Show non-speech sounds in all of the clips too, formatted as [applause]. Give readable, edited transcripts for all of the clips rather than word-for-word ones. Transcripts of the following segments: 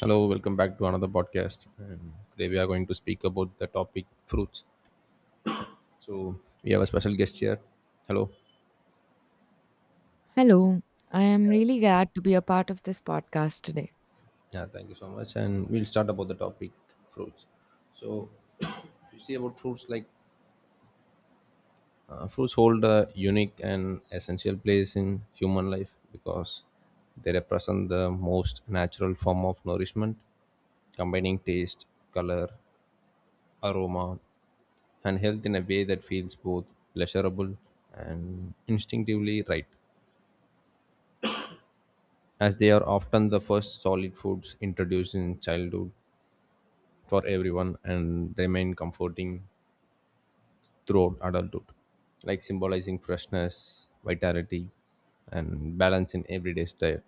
Hello, welcome back to another podcast. And today we are going to speak about the topic fruits. So we have a special guest here. Hello. Hello, I am really glad to be a part of this podcast today. Yeah, thank you so much. And we'll start about the topic fruits. So if you see about fruits, like fruits hold a unique and essential place in human life because they represent the most natural form of nourishment, combining taste, color, aroma, and health in a way that feels both pleasurable and instinctively right, as they are often the first solid foods introduced in childhood for everyone and remain comforting throughout adulthood, like symbolizing freshness, vitality, and balance in everyday diet.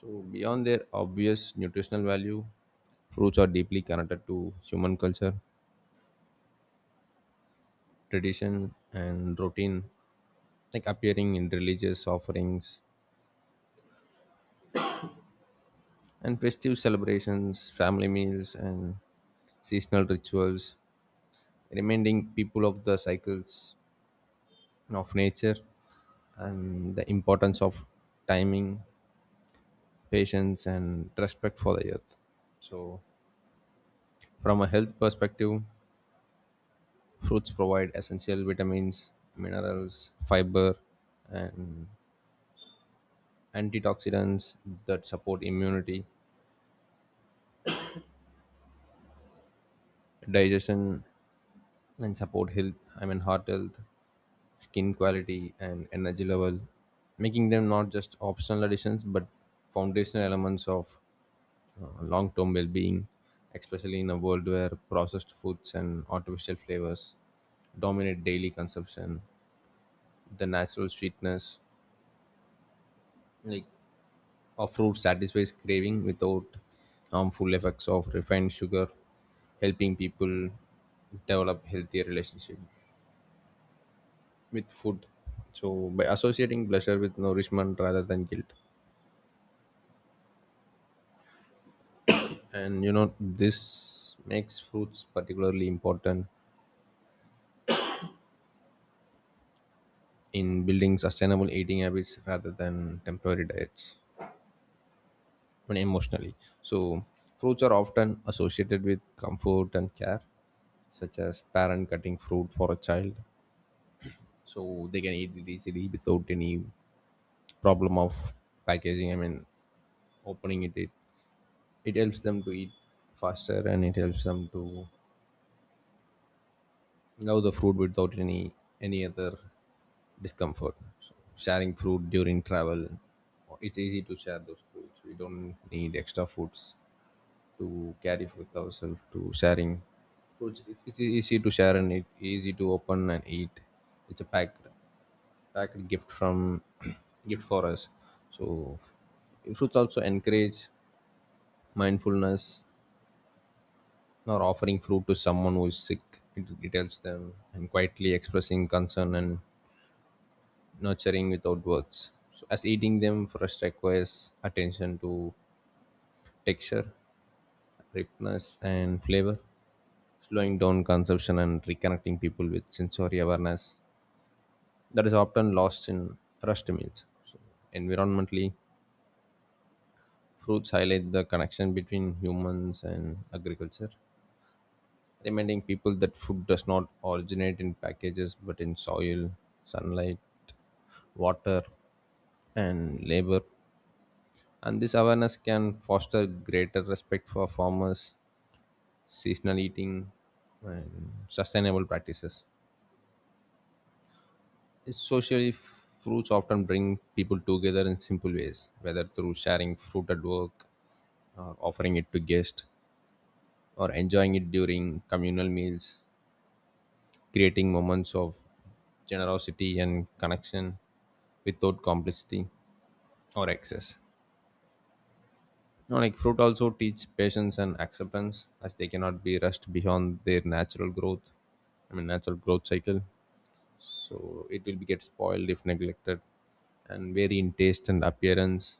So, beyond their obvious nutritional value, fruits are deeply connected to human culture, tradition, and routine, like appearing in religious offerings and festive celebrations, family meals, and seasonal rituals, reminding people of the cycles of nature and the importance of timing, patience, and respect for the earth. So, from a health perspective, fruits provide essential vitamins, minerals, fiber, and antioxidants that support immunity, digestion, and support health. I mean, heart health, skin quality, and energy level, making them not just optional additions but foundational elements of long term well being, especially in a world where processed foods and artificial flavors dominate daily consumption. The natural sweetness, like, of fruit satisfies craving without harmful effects of refined sugar, helping people develop healthier relationship with food. So by associating pleasure with nourishment rather than guilt, and this makes fruits particularly important in building sustainable eating habits rather than temporary diets. I mean, emotionally. So, fruits are often associated with comfort and care, such as parent cutting fruit for a child. So, they can eat it easily without any problem of packaging. I mean, opening it. It helps them to eat faster, and it helps them to love the food without any other discomfort. So sharing fruit during travel, it's easy to share those foods. We don't need extra foods to carry with ourselves. To sharing fruits, easy to share, and it easy to open and eat. It's a packed gift from [clears throat] gift for us. So fruits also encourage mindfulness, or offering fruit to someone who is sick. It helps them and quietly expressing concern and nurturing without words. So as eating them fresh requires attention to texture, ripeness, and flavor, slowing down consumption and reconnecting people with sensory awareness that is often lost in rushed meals. So environmentally, fruits highlight the connection between humans and agriculture, reminding people that food does not originate in packages but in soil, sunlight, water, and labor, and this awareness can foster greater respect for farmers, seasonal eating, and sustainable practices. It's socially, fruits often bring people together in simple ways, whether through sharing fruit at work, or offering it to guests, or enjoying it during communal meals, creating moments of generosity and connection without complicity or excess. You know, like fruit also teach patience and acceptance as they cannot be rushed beyond their natural growth. I mean natural growth cycle. So it will be get spoiled if neglected and vary in taste and appearance,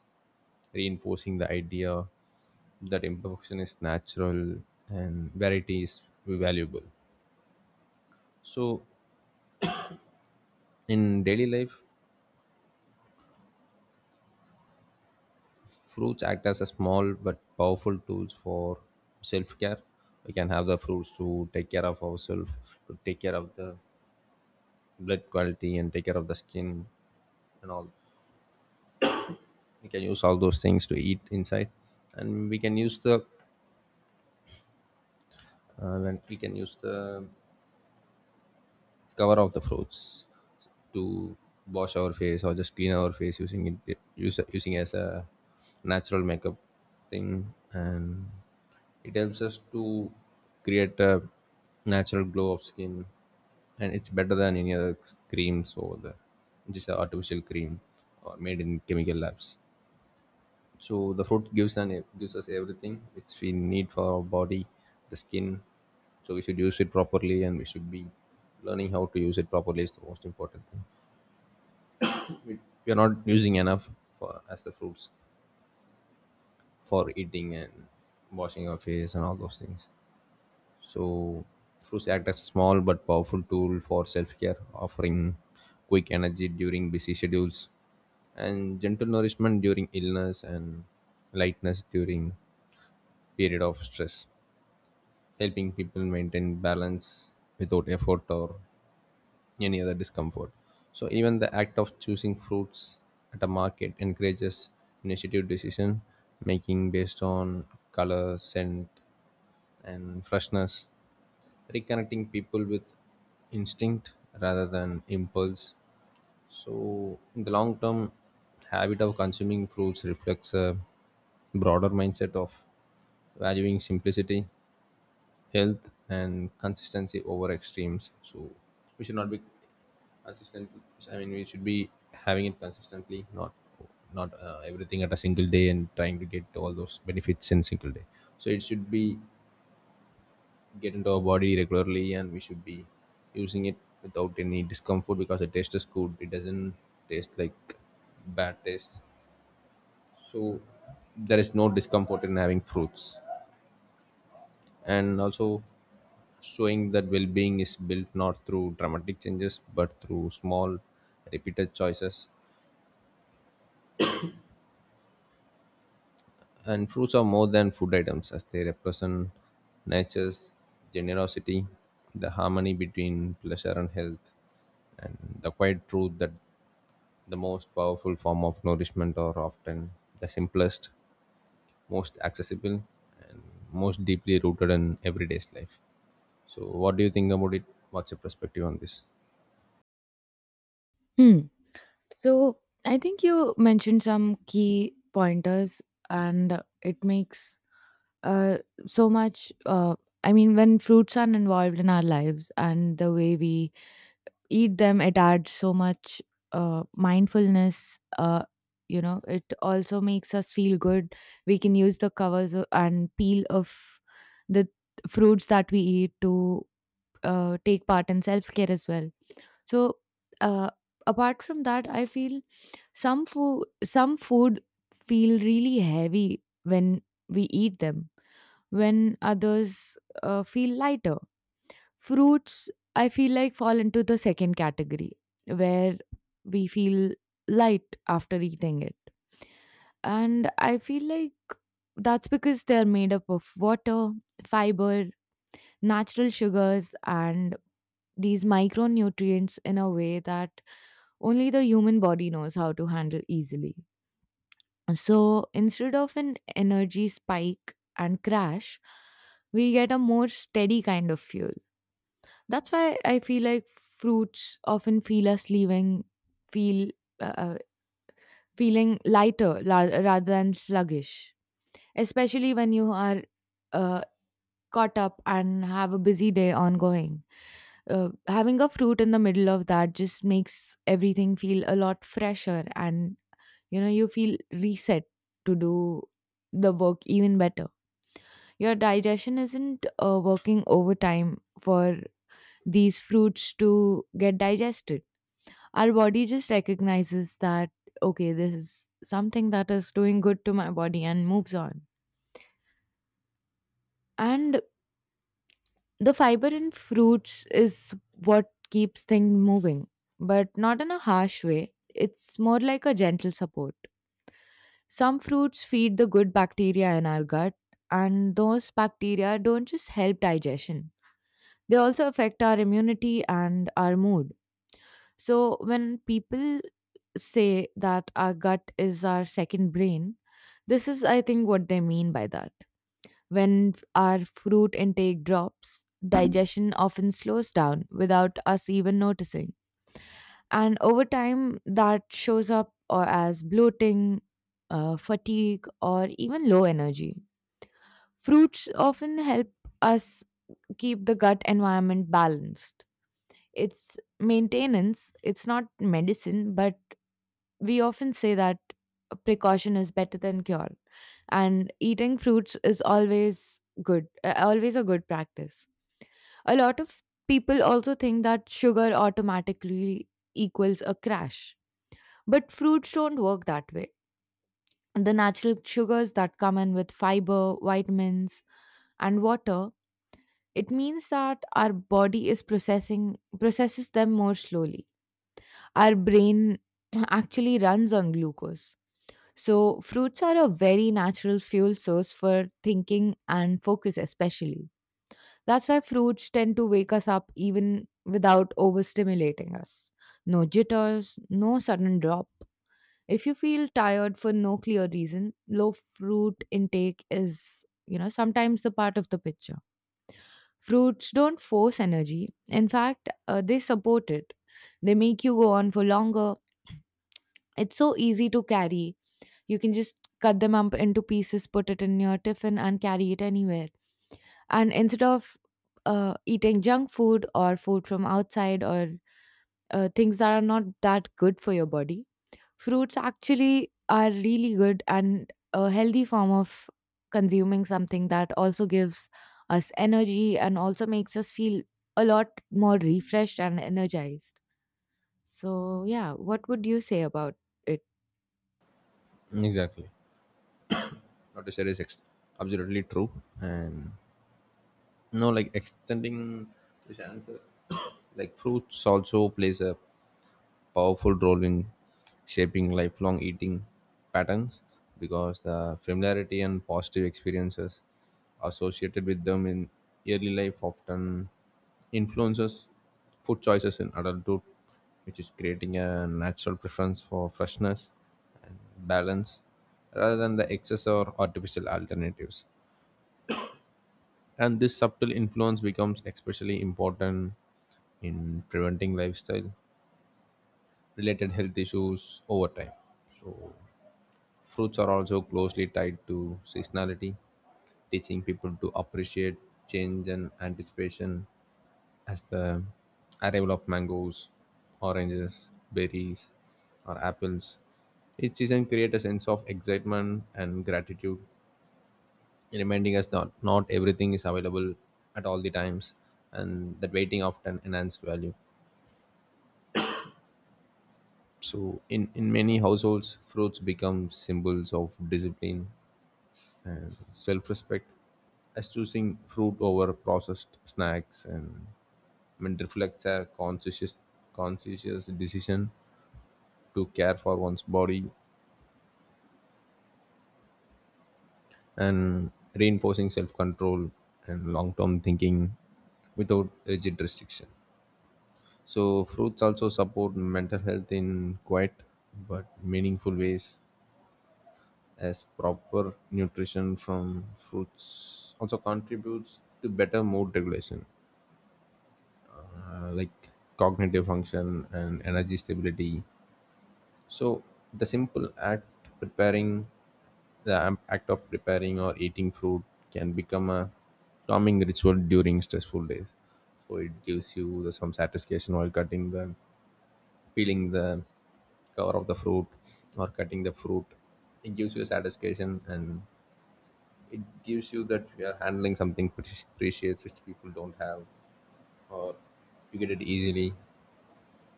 reinforcing the idea that imperfection is natural and variety is valuable. So in daily life, fruits act as a small but powerful tools for self-care. We can have the fruits to take care of ourselves, to take care of the blood quality and take care of the skin and all. We can use all those things to eat inside, and we can use the, when we can use the cover of the fruits to wash our face or just clean our face using it, using as a natural makeup thing. And it helps us to create a natural glow of skin, and it's better than any other creams over there, which is an artificial cream or made in chemical labs. So the fruit gives an gives us everything which we need for our body, the skin. So we should use it properly, and we should be learning how to use it properly is the most important thing. We, we are not using enough for as the fruits for eating and washing our face and all those things. So fruits act as a small but powerful tool for self care, offering quick energy during busy schedules and gentle nourishment during illness and lightness during period of stress, helping people maintain balance without effort or any other discomfort. So even the act of choosing fruits at a market encourages initiative decision making based on color, scent, and freshness, reconnecting people with instinct rather than impulse. So in the long term, habit of consuming fruits reflects a broader mindset of valuing simplicity, health, and consistency over extremes. So we should not be consistent. I mean, we should be having it consistently, not everything at a single day and trying to get all those benefits in single day. So it should be get into our body regularly, and we should be using it without any discomfort because the taste is good. It doesn't taste like bad taste. So there is no discomfort in having fruits, and also showing that well being is built not through dramatic changes but through small, repeated choices. And fruits are more than food items as they represent nature's generosity, the harmony between pleasure and health, and the quiet truth that the most powerful form of nourishment are often the simplest, most accessible, and most deeply rooted in everyday's life. So, what do you think about it? What's your perspective on this? Hmm. So, I think you mentioned some key pointers, and it makes uh, so much. I mean, when fruits are involved in our lives and the way we eat them, it adds so much mindfulness. It also makes us feel good. We can use the covers and peel of the fruits that we eat to take part in self-care as well. So uh, apart from that, I feel some food feel really heavy when we eat them, when others feel lighter. Fruits, I feel like, fall into the second category, where we feel light after eating it. And I feel like that's because they're made up of water, fiber, natural sugars, and these micronutrients in a way that only the human body knows how to handle easily. So instead of an energy spike and crash, we get a more steady kind of fuel. That's why I feel like fruits often feel us leaving, feel uh, uh, rather than sluggish, especially when you are uh, caught up and have a busy day ongoing. Having a fruit in the middle of that just makes everything feel a lot fresher and you know you feel reset to do the work even better. Your digestion isn't working overtime for these fruits to get digested. Our body just recognizes that, okay, this is something that is doing good to my body and moves on. And the fiber in fruits is what keeps things moving, but not in a harsh way. It's more like a gentle support. Some fruits feed the good bacteria in our gut, and those bacteria don't just help digestion, they also affect our immunity and our mood. So, when people say that our gut is our second brain, this is, I think, what they mean by that. When our fruit intake drops, digestion often slows down without us even noticing. And over time, that shows up or as bloating, fatigue, or even low energy. Fruits often help us keep the gut environment balanced. It's maintenance, it's not medicine, but we often say that precaution is better than cure, and eating fruits is always good, always a good practice. A lot of people also think that sugar automatically equals a crash, but fruits don't work that way. The natural sugars that come in with fiber, vitamins, and water, it means that our body is processing processes them more slowly. Our brain [clears throat] actually runs on glucose. So fruits are a very natural fuel source for thinking and focus especially. That's why fruits tend to wake us up even without overstimulating us. No jitters, no sudden drop. If you feel tired for no clear reason, low fruit intake is, you know, sometimes the part of the picture. Fruits don't force energy. In fact, they support it. They make you go on for longer. It's so easy to carry. You can just cut them up into pieces, put it in your tiffin, and carry it anywhere. And instead of eating junk food or food from outside or things that are not that good for your body, fruits actually are really good and a healthy form of consuming something that also gives us energy and also makes us feel a lot more refreshed and energized. So, yeah, what would you say about it? Exactly. What you said is absolutely true, and no, like extending this answer, [coughs] like fruits also plays a powerful role in shaping lifelong eating patterns because the familiarity and positive experiences associated with them in early life often influences food choices in adulthood, which is creating a natural preference for freshness and balance rather than the excess or artificial alternatives. And this subtle influence becomes especially important in preventing lifestyle related health issues over time. Fruits are also closely tied to seasonality, teaching people to appreciate change and anticipation as the arrival of mangoes, oranges, berries, or apples. Each season creates a sense of excitement and gratitude, reminding us that not everything is available at all the times and that waiting often enhances value. So, in many households, fruits become symbols of discipline and self respect, as choosing fruit over processed snacks and, I mean, reflects a conscious decision to care for one's body and reinforcing self control and long term thinking without rigid restriction. So, fruits also support mental health in quiet but meaningful ways as proper nutrition from fruits also contributes to better mood regulation, like cognitive function and energy stability. So the simple act preparing, act of preparing or eating fruit can become a calming ritual during stressful days. So it gives you the some satisfaction while cutting the, peeling the cover of the fruit or cutting the fruit. It gives you satisfaction. And it gives you that you are handling something pretty precious which people don't have, or you get it easily.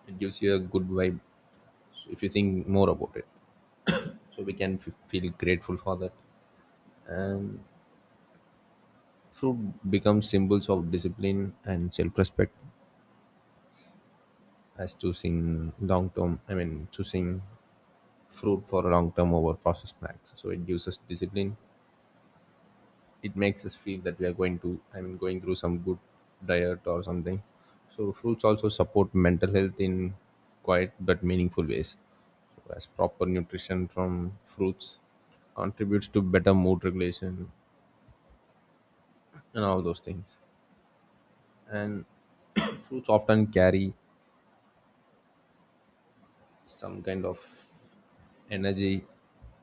It gives you a good vibe, so if you think more about it. So we can feel grateful for that. And fruit becomes symbols of discipline and self-respect as choosing long term. I mean, choosing fruit for long term over processed snacks. So it gives us discipline. It makes us feel that we are going to, I mean, going through some good diet or something. So fruits also support mental health in quiet but meaningful ways, so as proper nutrition from fruits contributes to better mood regulation and all those things. And fruits often carry some kind of energy.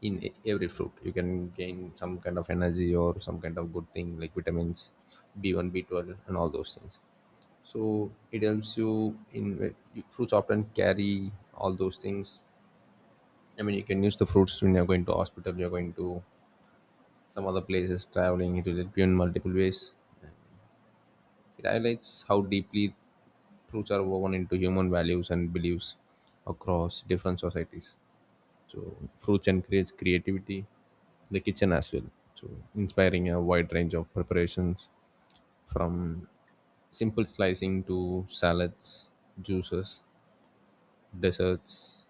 In every fruit you can gain some kind of energy or some kind of good thing like vitamins B1 B12 and all those things. So it helps you in when you- Fruits often carry all those things. I mean, you can use the fruits when you're going to hospital, you're going to some other places, traveling. It will help you in multiple ways. It highlights how deeply fruits are woven into human values and beliefs across different societies. So fruits encourage creativity in the kitchen as well. So inspiring a wide range of preparations from simple slicing to salads, juices, desserts,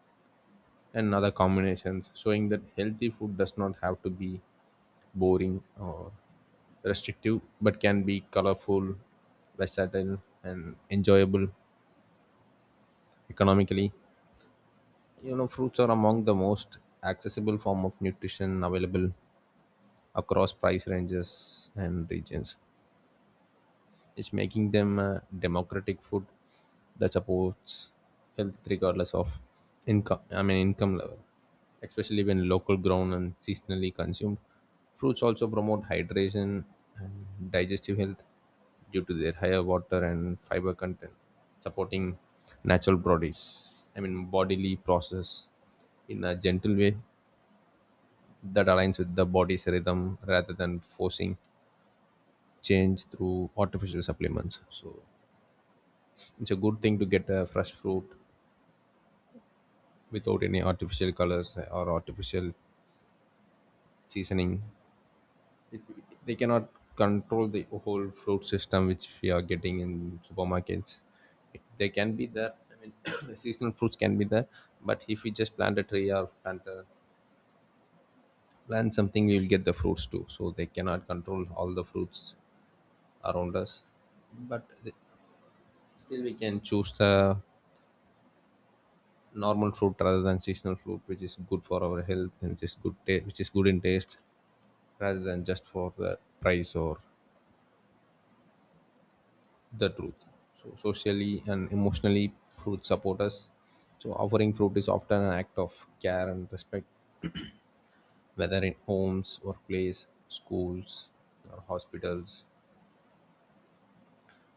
and other combinations, showing that healthy food does not have to be boring or restrictive, but can be colorful, versatile, and enjoyable. Economically, you know, fruits are among the most accessible form of nutrition available across price ranges and regions. It's making them a democratic food that supports health regardless of income. I mean income level, especially when local grown and seasonally consumed. Fruits also promote hydration and digestive health due to their higher water and fiber content, supporting natural bodies. I mean bodily process in a gentle way that aligns with the body's rhythm rather than forcing change through artificial supplements. So it's a good thing to get a fresh fruit without any artificial colors or artificial seasoning. They cannot control the whole fruit system which we are getting in supermarkets. They can be there, I mean, [coughs] [clears throat] the seasonal fruits can be there, but if we just plant a tree or plant a plant something, we will get the fruits too, so they cannot control all the fruits around us. But still we can choose the normal fruit rather than seasonal fruit which is good for our health and which is good in taste, rather than just for the price or the truth. So socially and emotionally, fruit support us. So offering fruit is often an act of care and respect, whether in homes, workplace, schools, or hospitals,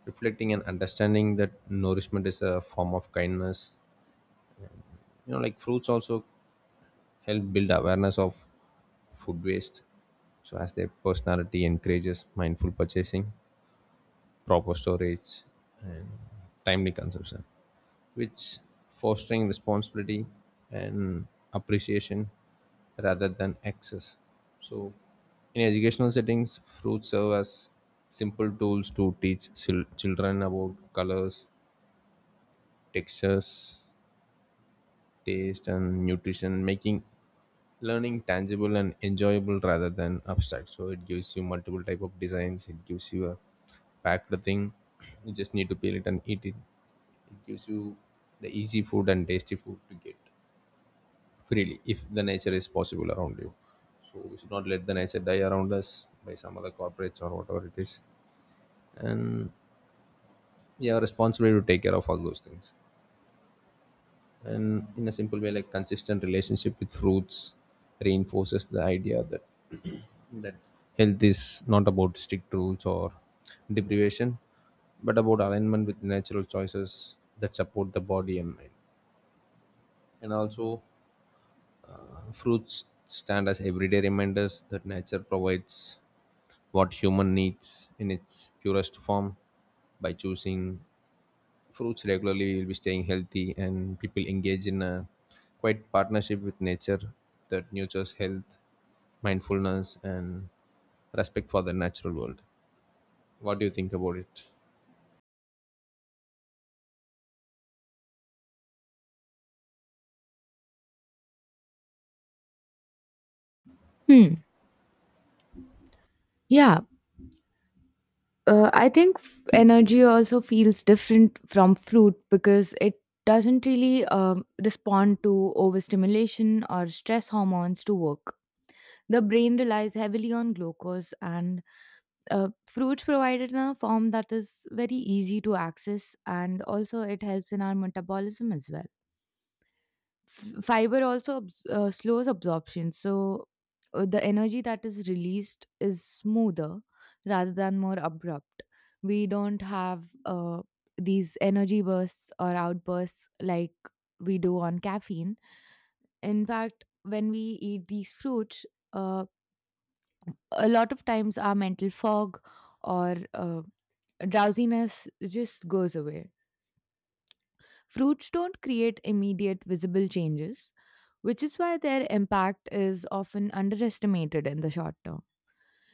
reflecting and understanding that nourishment is a form of kindness. You know, like fruits also help build awareness of food waste. So as their personality encourages mindful purchasing, proper storage, and timely consumption, which fostering responsibility and appreciation rather than excess. So, in educational settings, fruits serve as simple tools to teach children about colors, textures, taste and nutrition, making learning tangible and enjoyable rather than abstract. So it gives you multiple type of designs. It gives you a packed thing. [clears throat] You just need to peel it and eat it. It gives you the easy food and tasty food to get freely if the nature is possible around you. So we should not let the nature die around us by some other corporates or whatever it is. And we are responsible to take care of all those things. And in a simple way, like consistent relationship with fruits reinforces the idea that health is not about strict rules or deprivation but about alignment with natural choices that support the body and mind. And also fruits stand as everyday reminders that nature provides what human needs in its purest form. By choosing fruits regularly, you'll be staying healthy, and people engage in a quite partnership with nature that nurtures health, mindfulness, and respect for the natural world. What do you think about it? Hmm. Yeah. I think energy also feels different from fruit because it doesn't really respond to overstimulation or stress hormones to work. The brain relies heavily on glucose, and fruits provide it in a form that is very easy to access, and also it helps in our metabolism as well. Fiber also slows absorption, so the energy that is released is smoother rather than more abrupt. We don't have these energy bursts or outbursts like we do on caffeine. In fact, when we eat these fruits, uh, a lot of times our mental fog or drowsiness just goes away. Fruits don't create immediate visible changes, which is why their impact is often underestimated in the short term.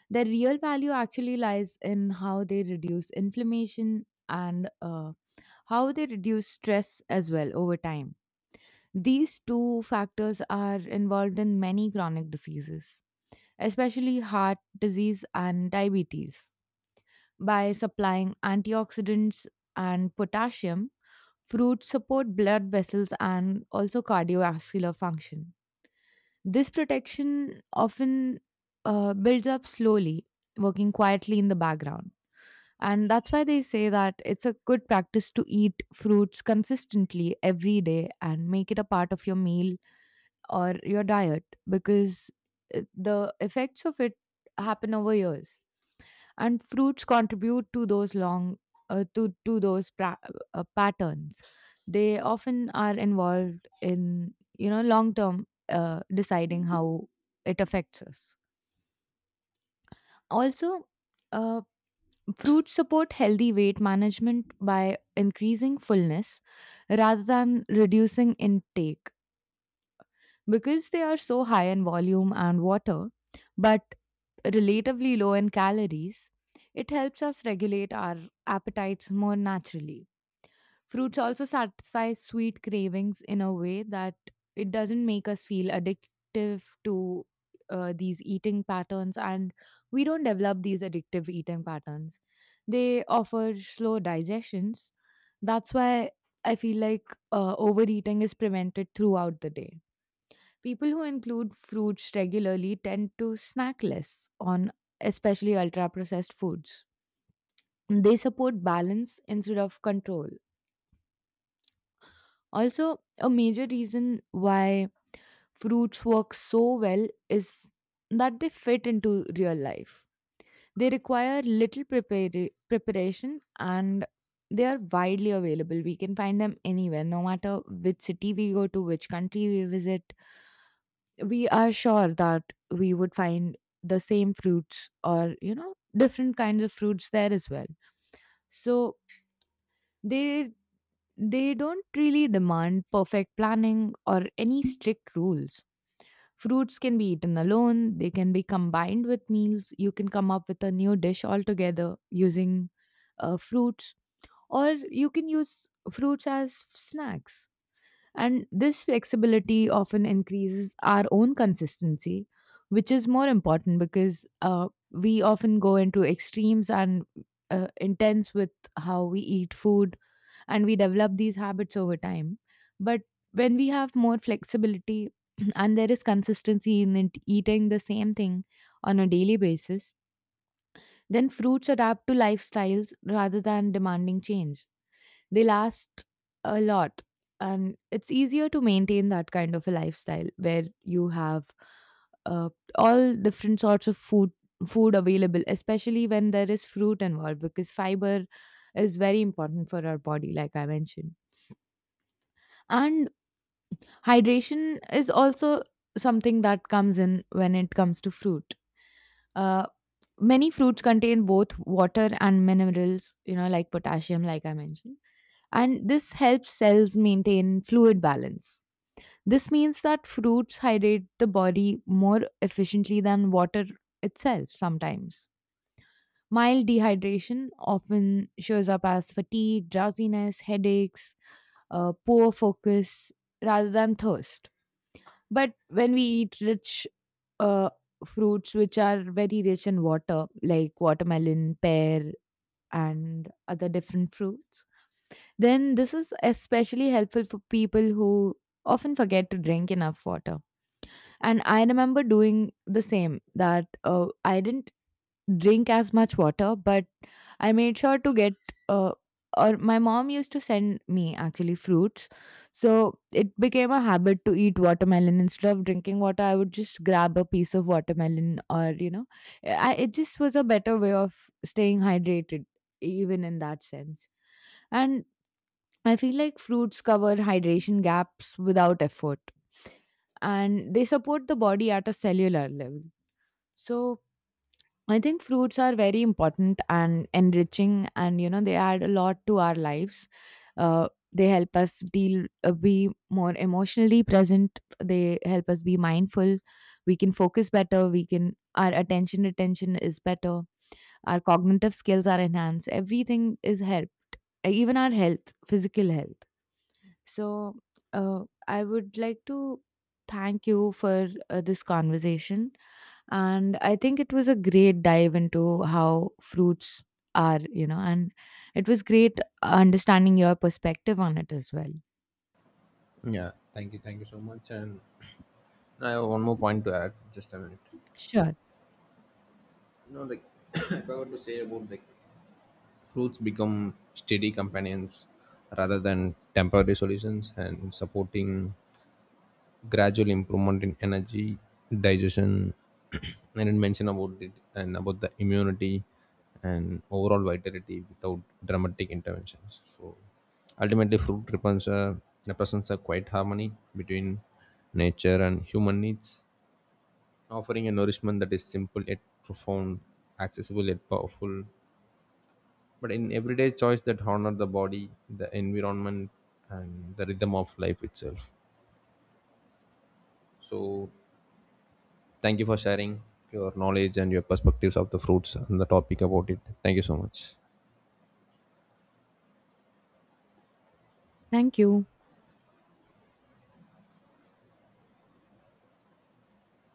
Their real value actually lies in how they reduce inflammation and how they reduce stress as well over time. These two factors are involved in many chronic diseases, especially heart disease and diabetes. By supplying antioxidants and potassium, fruits support blood vessels and also cardiovascular function. This protection often builds up slowly, working quietly in the background. And that's why they say that it's a good practice to eat fruits consistently every day and make it a part of your meal or your diet, because it, the effects of it happen over years, and fruits contribute to those long uh, to to those pra- patterns. They often are involved in, you know, long term, deciding how it affects us. Also, uh, fruits support healthy weight management by increasing fullness rather than reducing intake, because they are so high in volume and water, but relatively low in calories. It helps us regulate our appetites more naturally. Fruits also satisfy sweet cravings in a way that it doesn't make us feel addictive to these eating patterns, and we don't develop these addictive eating patterns. They offer slow digestions. That's why I feel like overeating is prevented throughout the day. People who include fruits regularly tend to snack less on especially ultra processed foods. They support balance instead of control. Also, a major reason why fruits work so well is that they fit into real life. They require little preparation, and they are widely available. We can find them anywhere, no matter which city we go to, which country we visit. We are sure that we would find the same fruits, or you know, different kinds of fruits there as well. So they they don't really demand perfect planning or any strict rules. Fruits can be eaten alone, they can be combined with meals, you can come up with a new dish altogether using fruits, or you can use fruits as snacks. And this flexibility often increases our own consistency, which is more important because we often go into extremes and intense with how we eat food, and we develop these habits over time. But when we have more flexibility [clears throat] and there is consistency in it, eating the same thing on a daily basis, then fruits adapt to lifestyles rather than demanding change. They last a lot. And it's easier to maintain that kind of a lifestyle where you have uh, all different sorts of food available, especially when there is fruit involved, because fiber is very important for our body, like I mentioned. And hydration is also something that comes in when it comes to fruit. Uh, Many fruits contain both water and minerals, you know, like potassium, like I mentioned, and this helps cells maintain fluid balance. This means that fruits hydrate the body more efficiently than water itself sometimes. Mild dehydration often shows up as fatigue, drowsiness, headaches, poor focus, rather than thirst. But when we eat rich uh, fruits, which are very rich in water, like watermelon, pear, and other different fruits, then this is especially helpful for people who often forget to drink enough water. And I remember doing the same, that I didn't drink as much water, but I made sure to get, uh, or my mom used to send me actually fruits. So it became a habit to eat watermelon. Instead of drinking water, I would just grab a piece of watermelon, or, you know, I, it just was a better way of staying hydrated, even in that sense. And I feel like fruits cover hydration gaps without effort, and they support the body at a cellular level. So I think fruits are very important and enriching, and you know, they add a lot to our lives. They help us deal, be more emotionally present, they help us be mindful. We can focus better, we can, our attention retention is better, our cognitive skills are enhanced, everything is helped, even our health, physical health. So, I would like to thank you for this conversation. And I think it was a great dive into how fruits are, you know, and it was great understanding your perspective on it as well. Yeah, thank you, thank you so much. And I have one more point to add, just a minute. Sure. You know, like [coughs] [clears throat] if I were to say about like fruits become steady companions rather than temporary solutions and supporting gradual improvement in energy, digestion, [clears throat] I didn't mention about it, and about the immunity and overall vitality without dramatic interventions. So ultimately fruit represents a quiet harmony between nature and human needs, offering a nourishment that is simple yet profound, accessible yet powerful, but in everyday choice that honor the body, the environment, and the rhythm of life itself. So thank you for sharing your knowledge and your perspectives of the fruits and the topic about it. Thank you so much. Thank you.